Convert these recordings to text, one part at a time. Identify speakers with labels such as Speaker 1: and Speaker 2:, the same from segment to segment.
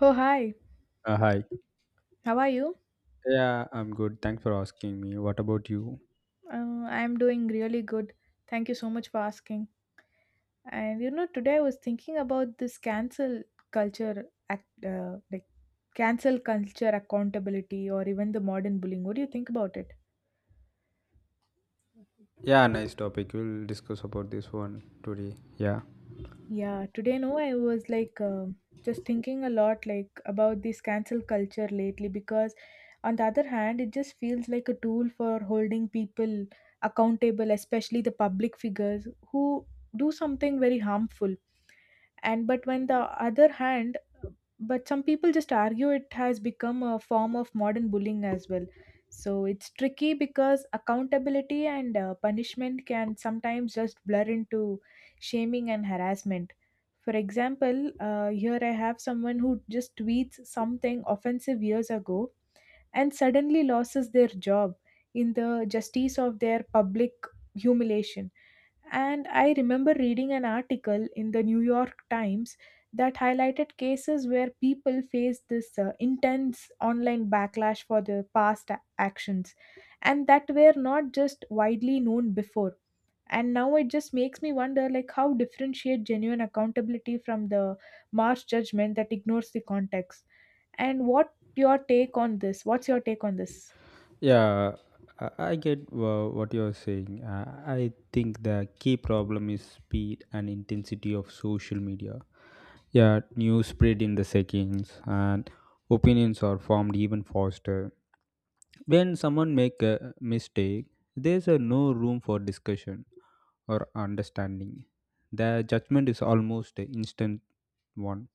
Speaker 1: Oh, hi.
Speaker 2: Hi.
Speaker 1: How are you?
Speaker 2: Yeah, I'm good. Thanks for asking me. What about you?
Speaker 1: I'm doing really good. Thank you so much for asking. And you know, today I was thinking about this cancel culture, act, like cancel culture accountability, or even the modern bullying. What do you think about it?
Speaker 2: Yeah, nice topic. We'll discuss about this one today. Yeah.
Speaker 1: Yeah, today no, I was like just thinking a lot like about this cancel culture lately because on the other hand, it just feels like a tool for holding people accountable, especially the public figures who do something very harmful. And but when the other hand, but some people just argue it has become a form of modern bullying as well. So it's tricky because accountability and punishment can sometimes just blur into shaming and harassment. For example, here I have someone who just tweets something offensive years ago and suddenly loses their job in the justice of their public humiliation. And I remember reading an article in the New York Times that highlighted cases where people faced this intense online backlash for their past actions and that were not just widely known before, and now it just makes me wonder like how differentiate genuine accountability from the harsh judgment that ignores the context, and what's your take on this?
Speaker 2: Yeah, I get what you're saying. I think the key problem is speed and intensity of social media. Yeah, news spread in the seconds and opinions are formed even faster. When someone make a mistake, there's a no room for discussion or understanding. The judgment is almost an instant one.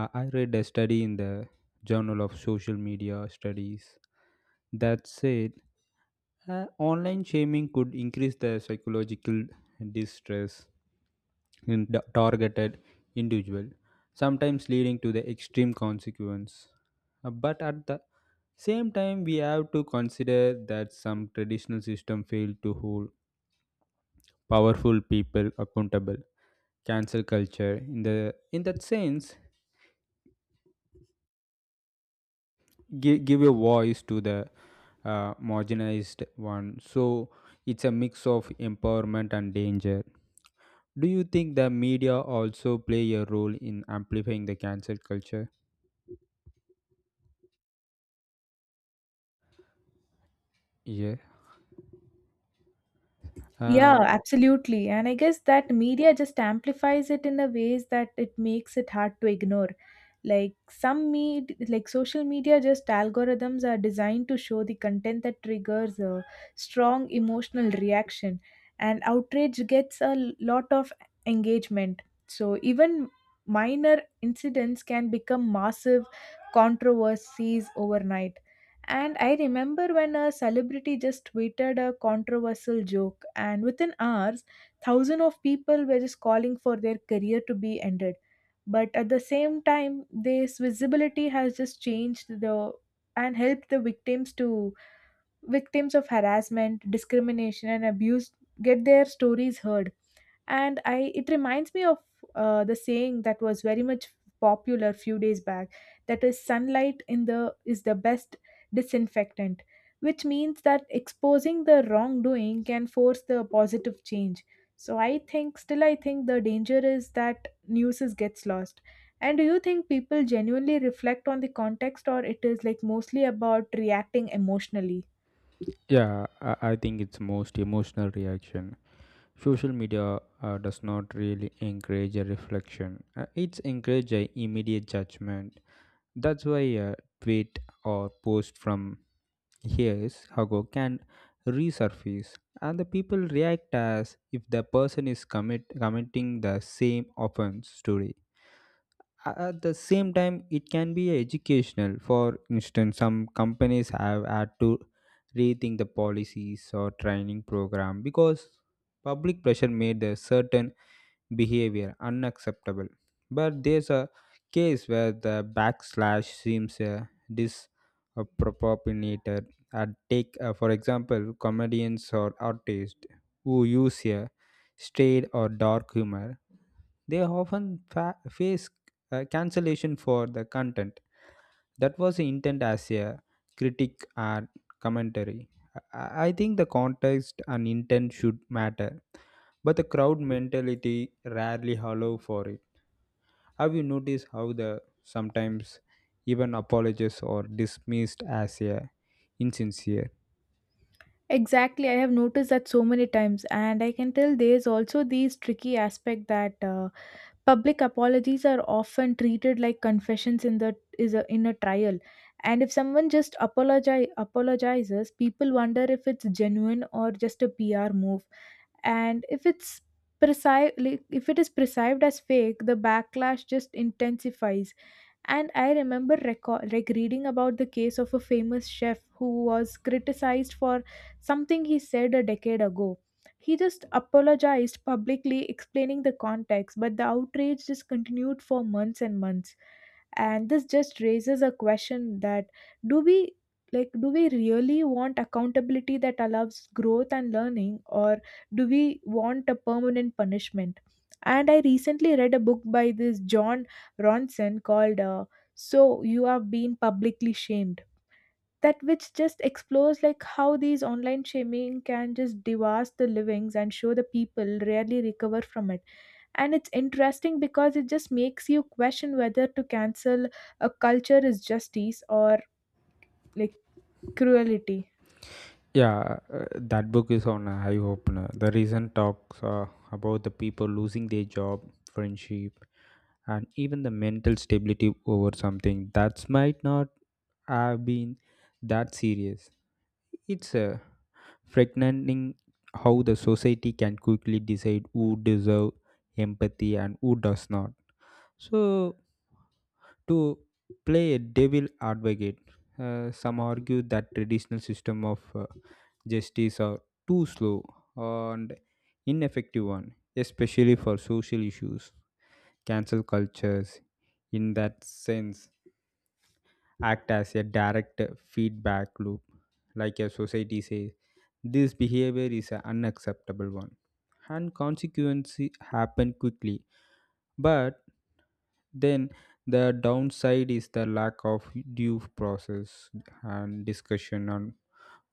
Speaker 2: I read a study in the Journal of Social Media Studies that said online shaming could increase the psychological distress in the targeted individual, sometimes leading to the extreme consequence. But at the same time, we have to consider that some traditional system fail to hold powerful people accountable. Cancel culture, in that sense, give a voice to the marginalized one. So it's a mix of empowerment and danger. Do you think the media also play a role in amplifying the cancel culture? Yeah,
Speaker 1: Yeah,
Speaker 2: and
Speaker 1: absolutely. And I guess that media just amplifies it in a ways that it makes it hard to ignore. Like social media just algorithms are designed to show the content that triggers a strong emotional reaction, and outrage gets a lot of engagement. So even minor incidents can become massive controversies overnight, and I remember when a celebrity just tweeted a controversial joke, and within hours, thousands of people were just calling for their career to be ended. But at the same time, this visibility has just changed the and helped the victims to victims of harassment, discrimination, and abuse get their stories heard. And I it reminds me of the saying that was very much popular few days back, that is sunlight in the is the best disinfectant, which means that exposing the wrongdoing can force the positive change. I think the danger is that news gets lost. And do you think people genuinely reflect on the context, or it is like mostly about reacting emotionally?
Speaker 2: yeah, I think it's most emotional reaction. Social media does not really encourage a reflection, it's encourage a immediate judgment. That's why a tweet or post from years ago can resurface and the people react as if the person is committing the same offense today. At the same time it can be educational. For instance, some companies have had to rethink the policies or training program because public pressure made a certain behavior unacceptable. But there's a case where the backslash seems disproportionate. For example, comedians or artists who use a straight or dark humor. They often face cancellation for the content that was the intent as a critic and commentary. I think the context and intent should matter, but the crowd mentality rarely allow for it. Have you noticed how the sometimes even apologies are dismissed as a insincere?
Speaker 1: Exactly, I have noticed that so many times, and I can tell there's also these tricky aspect that public apologies are often treated like confessions in a trial, and if someone just apologizes, people wonder if it's genuine or just a PR move, and if it is perceived as fake, the backlash just intensifies. And I remember record, like reading about the case of a famous chef who was criticized for something he said a decade ago. He just apologized publicly, explaining the context, but the outrage just continued for months and months. And this just raises a question that do we do we really want accountability that allows growth and learning, or do we want a permanent punishment? And I recently read a book by this John Ronson called So You have been Publicly Shamed. That which just explores like how these online shaming can just devour the livings and show the people rarely recover from it. And it's interesting because it just makes you question whether to cancel a culture is justice or like cruelty.
Speaker 2: Yeah, that book is on a high opener. The recent talks about the people losing their job, friendship, and even the mental stability over something that might not have been that serious. It's frightening how the society can quickly decide who deserve empathy and who does not. So, to play a devil advocate, some argue that traditional system of justice are too slow and ineffective one, especially for social issues. Cancel cultures, in that sense, act as a direct feedback loop, like a society says, this behavior is an unacceptable one. And consequences happen quickly. But then the downside is the lack of due process and discussion on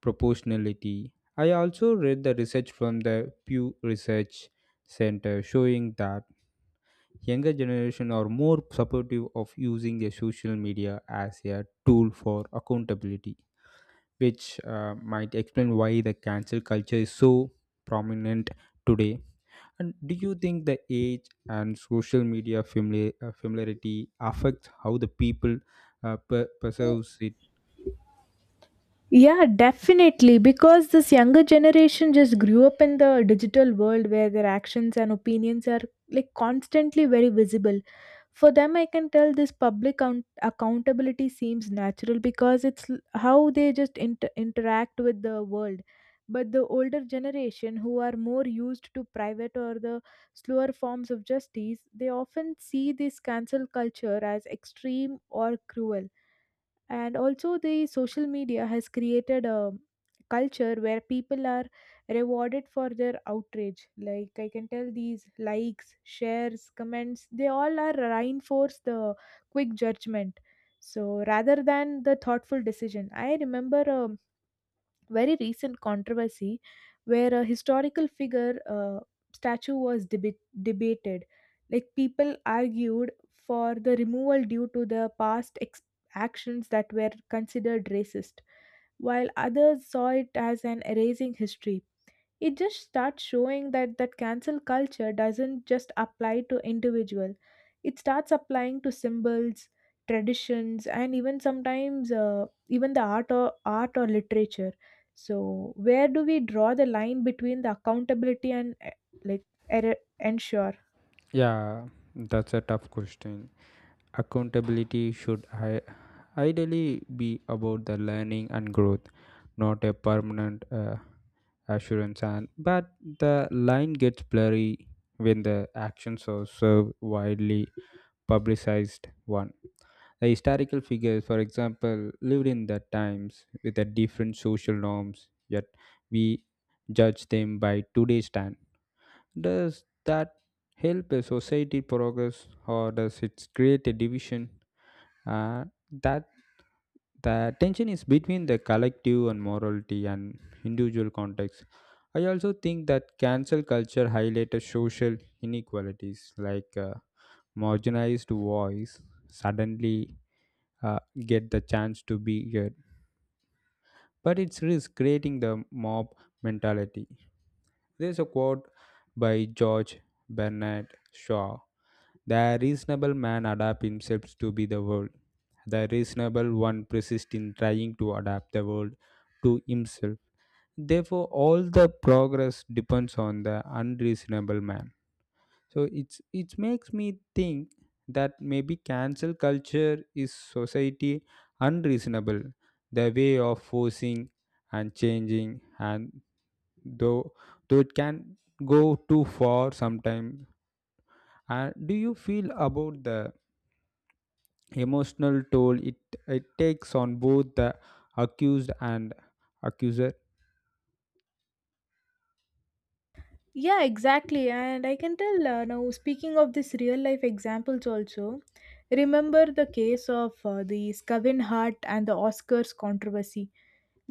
Speaker 2: proportionality. I also read the research from the Pew Research Center showing that younger generation are more supportive of using their social media as a tool for accountability, which might explain why the cancel culture is so prominent today. And do you think the age and social media familiarity affects how the people perceives it?
Speaker 1: Yeah, definitely. Because this younger generation just grew up in the digital world where their actions and opinions are like constantly very visible. For them, I can tell this public accountability seems natural because it's how they just interact with the world. But the older generation who are more used to private or the slower forms of justice, they often see this cancel culture as extreme or cruel. And also the social media has created a culture where people are rewarded for their outrage. Like I can tell these likes, shares, comments, they all are reinforce the quick judgment, so rather than the thoughtful decision. I remember a very recent controversy where a historical figure statue was debated. Like people argued for the removal due to the past actions that were considered racist, while others saw it as an erasing history. It just starts showing that that cancel culture doesn't just apply to individual. It starts applying to symbols, traditions, and even sometimes even the art or literature. So where do we draw the line between the accountability and like error ensure?
Speaker 2: Yeah, that's a tough question. Accountability should ideally be about the learning and growth, not a permanent assurance. And but the line gets blurry when the actions are so widely publicized one. The historical figures, for example, lived in the times with the different social norms, yet we judge them by today's time. Does that help a society progress or does it create a division? Uh, that the tension is between the collective and morality and individual context. I also think that cancel culture highlighted social inequalities. Like marginalized voice suddenly uh, get the chance to be heard, but it's risk creating the mob mentality. There's a quote by George Bernard Shaw: "The reasonable man adapts himself to be the world." The reasonable one persists in trying to adapt the world to himself. Therefore, all the progress depends on the unreasonable man. So it makes me think that maybe cancel culture is society unreasonable, the way of forcing and changing, and though though it can go too far sometimes. And do you feel about the emotional toll it takes on both the accused and accuser.
Speaker 1: Yeah, exactly. And I can tell now, speaking of this real life examples also, remember the case of the Kevin Hart and the Oscars controversy.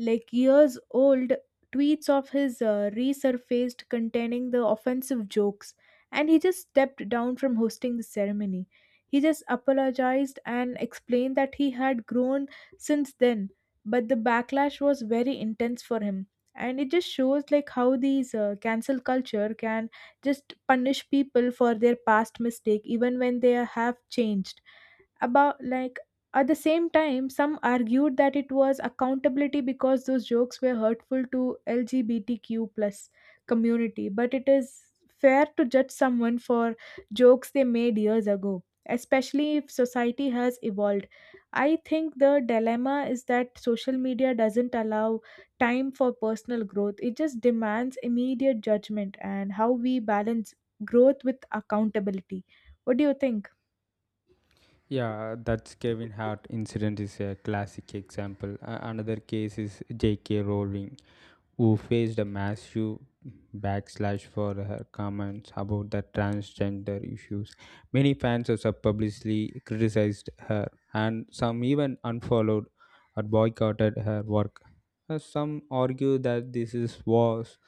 Speaker 1: Like years old tweets of his resurfaced containing the offensive jokes, and he just stepped down from hosting the ceremony. He just apologized and explained that he had grown since then, but the backlash was very intense for him. And it just shows like how these cancel culture can just punish people for their past mistake even when they have changed. About like At the same time, some argued that it was accountability because those jokes were hurtful to lgbtq plus community, but it is fair to judge someone for jokes they made years ago, especially if society has evolved. I think the dilemma is that social media doesn't allow time for personal growth, it just demands immediate judgment. And how we balance growth with accountability? What do you think?
Speaker 2: Yeah, that's Kevin Hart incident is a classic example. Another case is J.K. Rowling, who faced a massive backlash for her comments about the transgender issues. Many fans also publicly criticized her, and some even unfollowed or boycotted her work. Some argue that this is was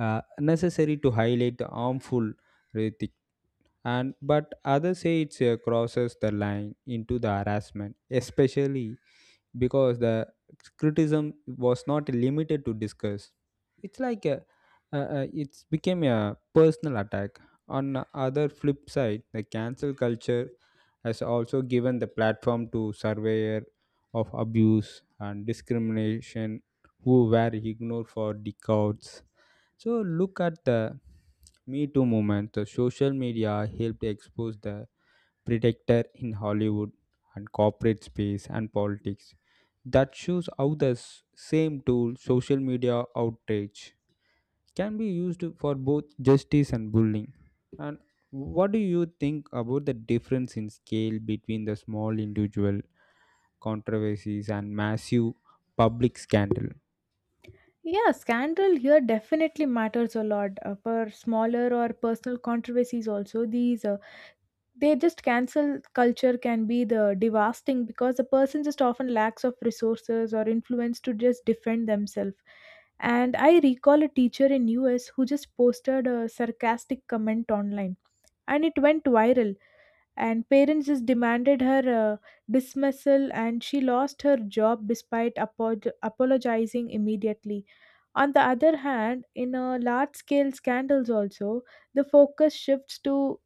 Speaker 2: necessary to highlight the harmful rhetoric, and but others say it crosses the line into the harassment, especially because the criticism was not limited to discuss. It's like a, it's became a personal attack. On the other flip side, the cancel culture has also given the platform to surveyor of abuse and discrimination who were ignored for decades. So look at the Me Too movement. The social media helped expose the predator in Hollywood and corporate space and politics. That shows how the same tool, social media outrage, can be used for both justice and bullying. And what do you think about the difference in scale between the small individual controversies and massive public scandal?
Speaker 1: Yeah, scandal here definitely matters a lot for smaller or personal controversies. Also, these they just cancel culture can be the devastating because the person just often lacks of resources or influence to just defend themselves. And I recall a teacher in US who just posted a sarcastic comment online, and it went viral. And parents just demanded her dismissal, and she lost her job despite apologizing immediately. On the other hand, in a large scale scandals also, the focus shifts to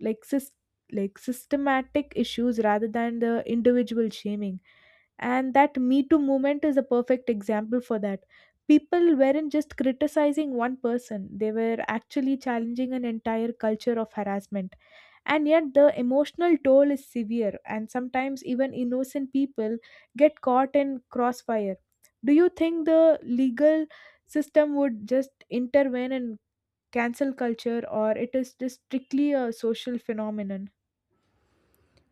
Speaker 1: like sys- like systematic issues rather than the individual shaming. And that Me Too movement is a perfect example for that. People weren't just criticizing one person, they were actually challenging an entire culture of harassment. And yet, the emotional toll is severe, and sometimes even innocent people get caught in crossfire. Do you think the legal system would just intervene and cancel culture, or it is just strictly a social phenomenon?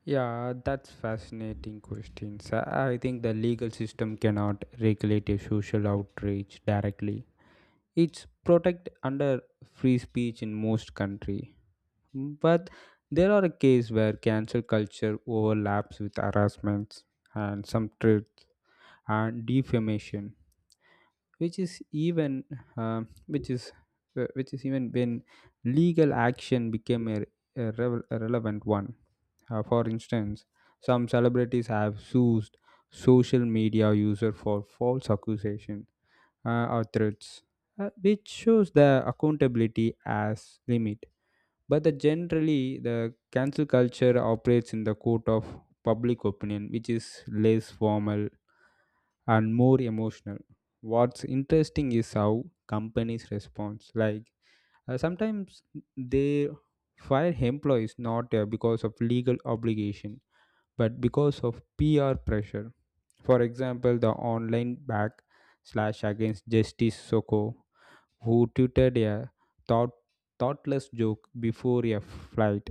Speaker 2: Yeah, that's fascinating questions. I think the legal system cannot regulate a social outrage directly. It's protected under free speech in most country, but there are a case where cancel culture overlaps with harassments and some truth and defamation. Which is even um, which is which is even when legal action became a relevant one. For instance, some celebrities have sued social media user for false accusation or threats, which shows the accountability as limit. But the generally, the cancel culture operates in the court of public opinion, which is less formal and more emotional. What's interesting is how companies respond. Like sometimes they fire employees not because of legal obligation, but because of PR pressure. For example, the online back slash against Justice Soko, who tweeted a thought, thoughtless joke before a flight,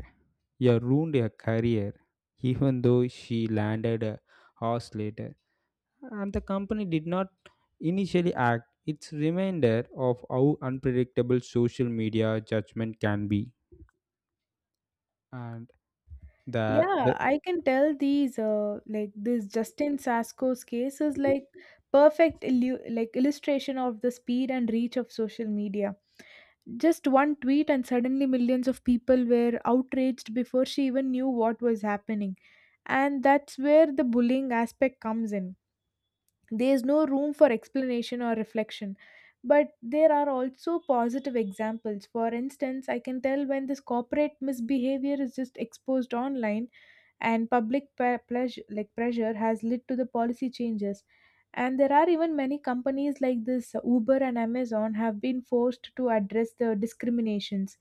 Speaker 2: you ruined her career, even though she landed a house later. And the company did not initially act. It's reminder of how unpredictable social media judgment can be. And
Speaker 1: Yeah,
Speaker 2: the
Speaker 1: I can tell these like this Justin Sasko's case is like perfect illu- like illustration of the speed and reach of social media. Just one tweet and suddenly millions of people were outraged before she even knew what was happening, and that's where the bullying aspect comes in. There is no room for explanation or reflection. But there are also positive examples. For instance, I can tell when this corporate misbehavior is just exposed online and public pe- pleasure, like pressure has led to the policy changes. And there are even many companies like this Uber and Amazon have been forced to address the discriminations.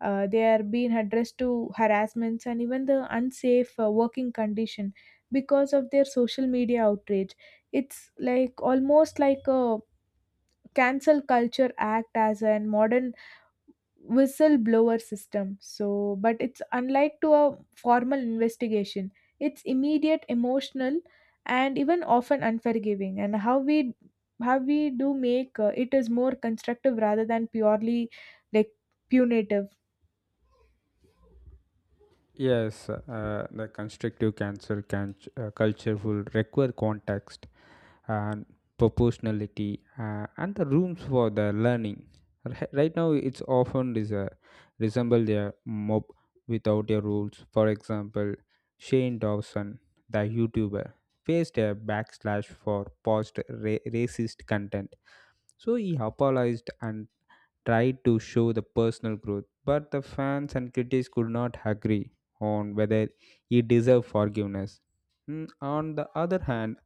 Speaker 1: They are being addressed to harassments and even the unsafe working condition because of their social media outrage. It's like almost like a cancel culture act as a modern whistleblower system. So but it's unlike to a formal investigation, it's immediate, emotional, and even often unforgiving. And how we do make it is more constructive rather than purely like punitive?
Speaker 2: yes, the constructive culture will require context and proportionality, and the rooms for the learning. Right now, it's often is a resemble their mob without their rules. For example, Shane Dawson, the YouTuber, faced a backlash for post racist content. So he apologized and tried to show the personal growth, but the fans and critics could not agree on whether he deserved forgiveness. Mm, on the other hand,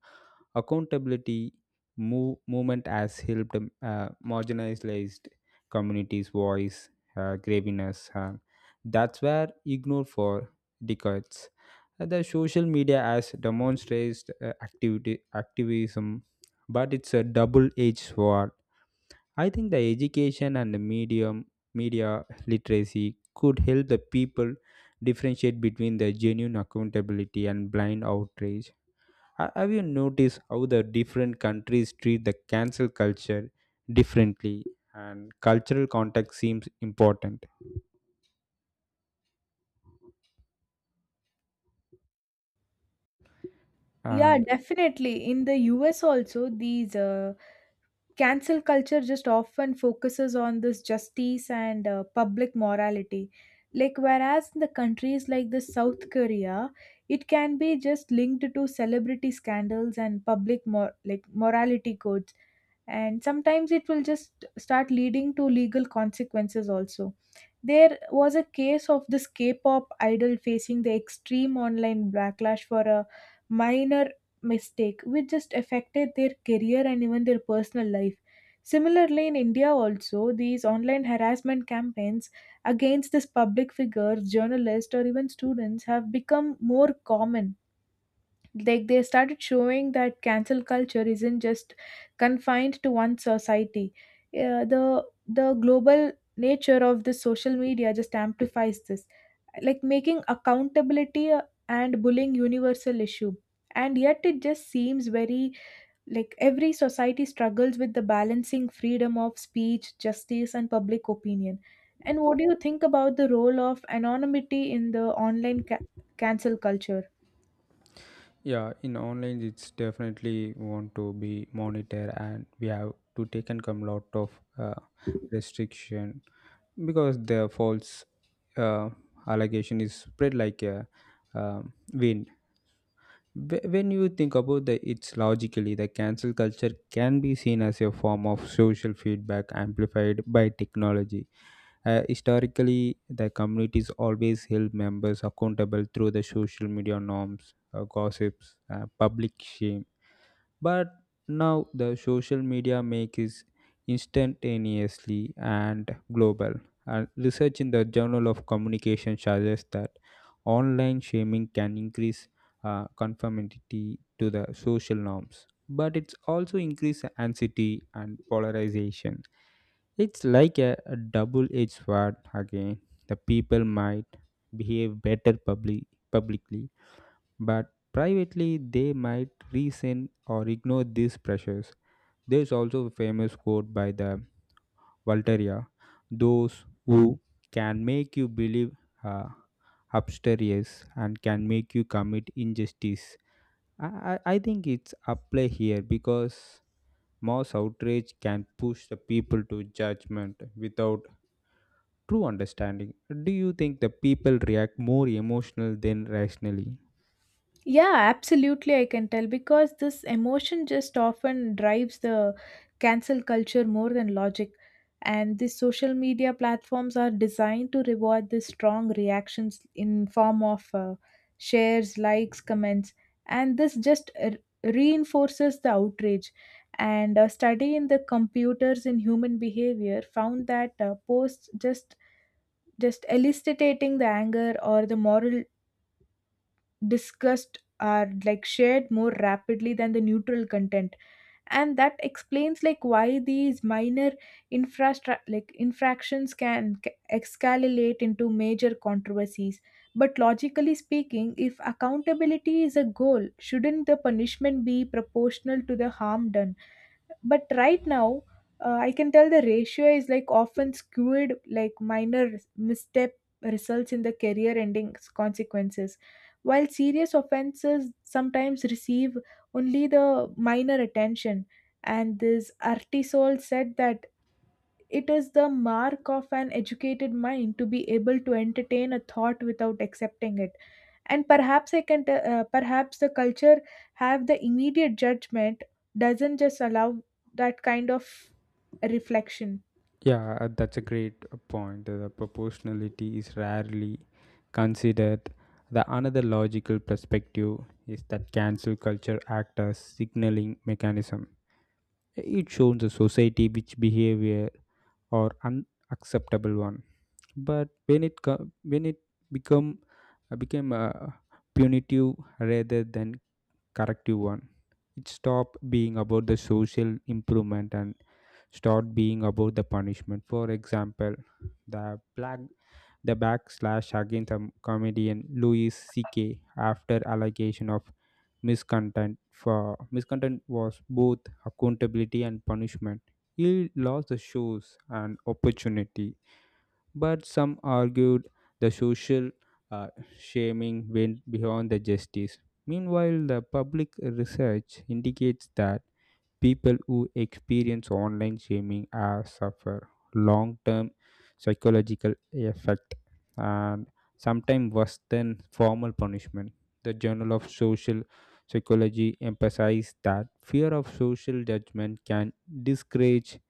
Speaker 2: accountability movement has helped marginalized communities voice graviness. That's where ignored for decades. The social media has demonstrated activism, but it's a double-edged sword. I think the education and the medium media literacy could help the people differentiate between the genuine accountability and blind outrage. Have you noticed how the different countries treat the cancel culture differently? And cultural context seems important.
Speaker 1: Yeah,
Speaker 2: And
Speaker 1: definitely. In the US also, these cancel culture just often focuses on this justice and public morality, like whereas in the countries like the South Korea, it can be just linked to celebrity scandals and public morality codes, and sometimes it will just start leading to legal consequences also. There was a case of this K-pop idol facing the extreme online backlash for a minor mistake which just affected their career and even their personal life. Similarly, in India, also, these online harassment campaigns against this public figures, journalists, or even students have become more common. Like they started showing that cancel culture isn't just confined to one society. The global nature of this social media just amplifies this, like making accountability and bullying universal issue. And yet it just seems very like every society struggles with the balancing freedom of speech, justice, and public opinion. And what do you think about the role of anonymity in the online cancel culture?
Speaker 2: yeah, in online, it's definitely want to be monitored, and we have to take and come lot of restriction because the false uh, allegation is spread like a wind. When you think about the it's logically, the cancel culture can be seen as a form of social feedback amplified by technology. Historically, the communities always held members accountable through the social media norms, gossips, public shame. But now the social media make is instantaneously and global. And research in the journal of communication suggests that online shaming can increase conformity to the social norms, but it's also increase anxiety and polarization. It's like a double-edged sword again. The people might behave publicly, but privately they might resent or ignore these pressures. There is also a famous quote by the Voltaire: "Those who can make you believe uh, upstairs and can make you commit injustice." I, I think it's apply here because mass outrage can push the people to judgment without true understanding. Do you think the people react more emotional than rationally?
Speaker 1: Yeah, absolutely, I can tell because this emotion just often drives the cancel culture more than logic. And these social media platforms are designed to reward the strong reactions in form of shares, likes, comments, and this just reinforces the outrage. And a study in the computers in human behavior found that posts just eliciting the anger or the moral discussed are like shared more rapidly than the neutral content, and that explains like why these minor infrastra like infractions can escalate into major controversies. But logically speaking, if accountability is a goal, shouldn't the punishment be proportional to the harm done? But right now, I can tell the ratio is like often skewed, like minor misstep results in the career ending consequences, while serious offenses sometimes receive only the minor attention. And this artisol said that it is the mark of an educated mind to be able to entertain a thought without accepting it. And perhaps I can te- perhaps the culture have the immediate judgment doesn't just allow that kind of reflection.
Speaker 2: Yeah, that's a great point. The proportionality is rarely considered. The another logical perspective is that cancel culture acts as signaling mechanism. It shows the society which behavior or unacceptable one. But when it co- when it become became punitive rather than corrective one. It stop being about the social improvement and start being about the punishment. For example, the black the backslash against the comedian Louis C.K. after allegation of miscontent was both accountability and punishment. He lost the shows and opportunity, but some argued the social uh, shaming went beyond the justice. Meanwhile, the public research indicates that people who experience online shaming are suffer long-term psychological effect, and sometimes worse than formal punishment. The Journal of Social Psychology emphasized that fear of social judgment can discourage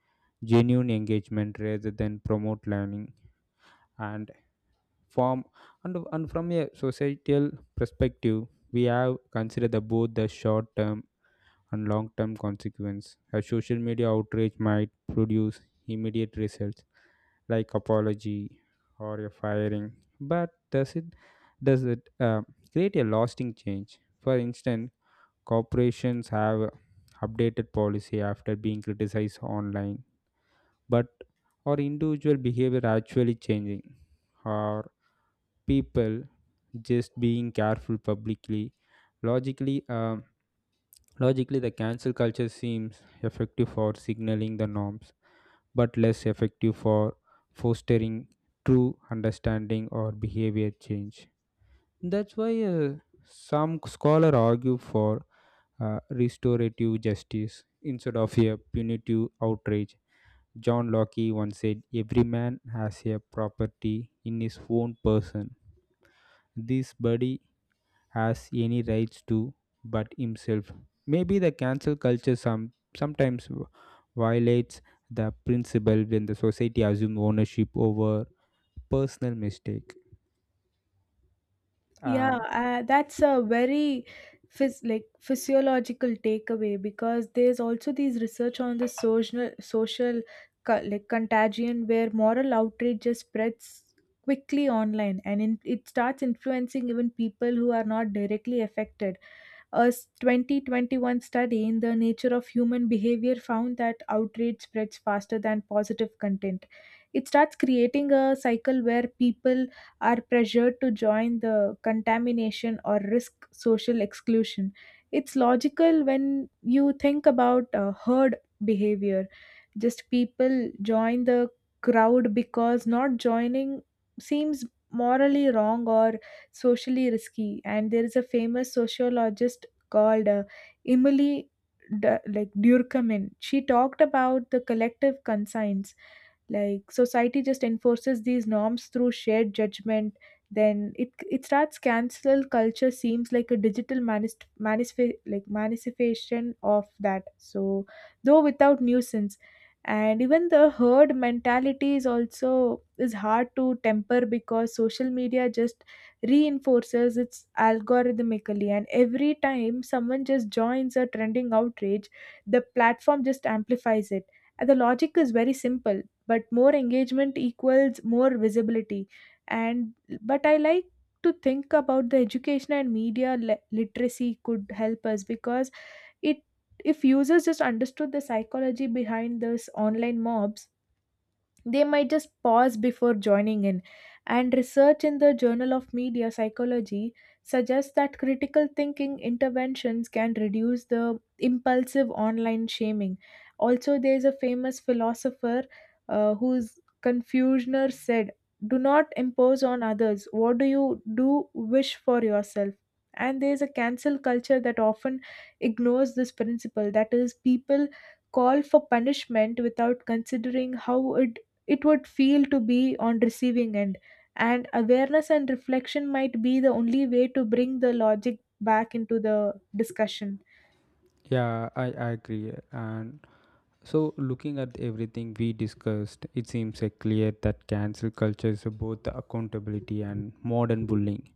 Speaker 2: genuine engagement rather than promote learning. And form and, and from a societal perspective, we have considered both the short term and long term consequence. A social media outrage might produce immediate results like apology or a firing, but does it create a lasting change? For instance, corporations have updated policy after being criticized online, but or individual behavior actually changing, or people just being careful publicly? Logically uh, logically the cancel culture seems effective for signaling the norms but less effective for fostering true understanding or behavior change. That's why some scholars argue for restorative justice instead of a punitive outrage. John Locke once said every man has a property in his own person. This body has any rights to but himself. Maybe the cancel culture sometimes violates the principle when the society assumes ownership over personal mistake.
Speaker 1: Yeah,
Speaker 2: And
Speaker 1: that's a very physiological takeaway, because there's also these research on the social contagion where moral outrage just spreads quickly online and in, it starts influencing even people who are not directly affected. 2021 study in the nature of human behavior found that outrage spreads faster than positive content. It starts creating a cycle where people are pressured to join the contamination or risk social exclusion. It's logical when you think about herd behavior. Just people join the crowd because not joining seems morally wrong or socially risky. And there is a famous sociologist called Emily Durkheim. She talked about the collective conscience, like society just enforces these norms through shared judgment, then it starts cancel culture seems like a digital manifestation of that, so though without nuisance. And even the herd mentality is also is hard to temper because social media just reinforces its algorithmically, and every time someone just joins a trending outrage, the platform just amplifies it. And the logic is very simple, but more engagement equals more visibility. And but I like to think about the education and media literacy could help us, because it, if users just understood the psychology behind this online mobs, they might just pause before joining in. And research in the Journal of Media Psychology suggests that critical thinking interventions can reduce the impulsive online shaming. Also, there is a famous philosopher whose Confucianer said, do not impose on others. What do you do wish for yourself? And there is a cancel culture that often ignores this principle. That is, people call for punishment without considering how it would feel to be on receiving end, and awareness and reflection might be the only way to bring the logic back into the discussion.
Speaker 2: yeah, I agree. And so, looking at everything we discussed, it seems clear that cancel culture is both accountability and modern bullying,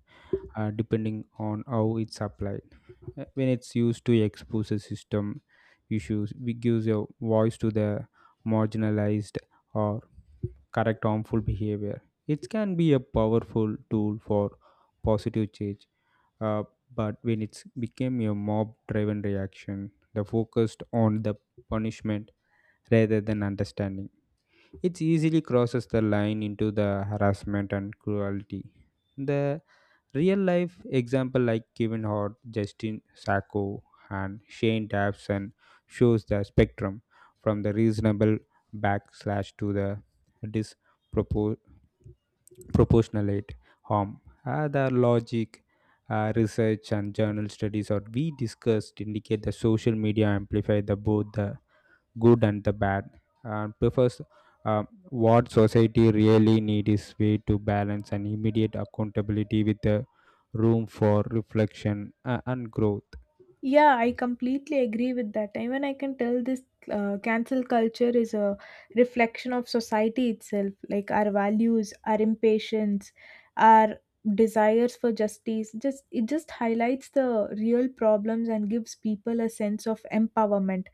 Speaker 2: depending on how it's applied. When it's used to expose a system issues, it gives a voice to the marginalized or correct harmful behavior. It can be a powerful tool for positive change, uh, but when it's became a mob-driven reaction, the focused on the punishment rather than understanding, it easily crosses the line into the harassment and cruelty. The real life example like Kevin Hart, Justin Sacco, and Shane Dawson shows the spectrum from the reasonable backslash to the disproportionate harm. The logic, research, and journal studies or we discussed indicate the social media amplify the both the good and the bad, and prefers uh, what society really needs is way to balance and immediate accountability with the room for reflection, and growth.
Speaker 1: Yeah, I completely agree with that. Even I can tell this cancel culture is a reflection of society itself, like our values, our impatience, our desires for justice. Just it just highlights the real problems and gives people a sense of empowerment.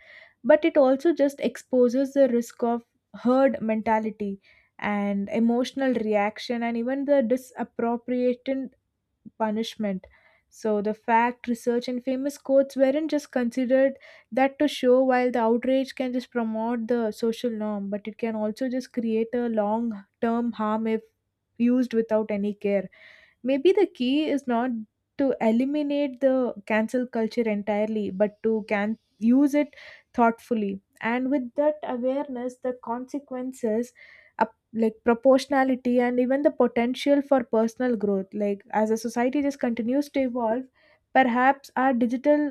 Speaker 1: But it also just exposes the risk of herd mentality and emotional reaction, and even the disappropriation punishment. So the fact, research, and famous quotes weren't just considered that to show while the outrage can just promote the social norm, but it can also just create a long term harm if used without any care. Maybe the key is not to eliminate the cancel culture entirely, but to can use it thoughtfully. And with that awareness, the consequences, proportionality, and even the potential for personal growth, like as a society just continues to evolve, perhaps our digital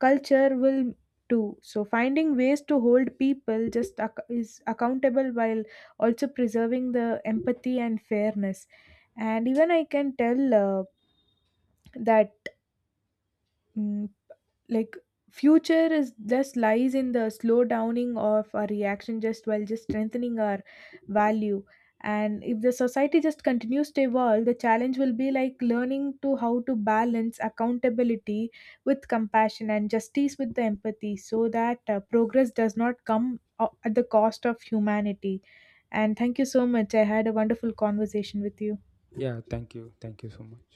Speaker 1: culture will too. So finding ways to hold people just ac- is accountable while also preserving the empathy and fairness, and even I can tell that mm, like future is just lies in the slow downing of our reaction just while just strengthening our value. And if the society just continues to evolve, the challenge will be like learning to how to balance accountability with compassion and justice with the empathy, so that progress does not come at the cost of humanity. And thank you so much, I had a wonderful conversation with you.
Speaker 2: Yeah, thank you. Thank you so much.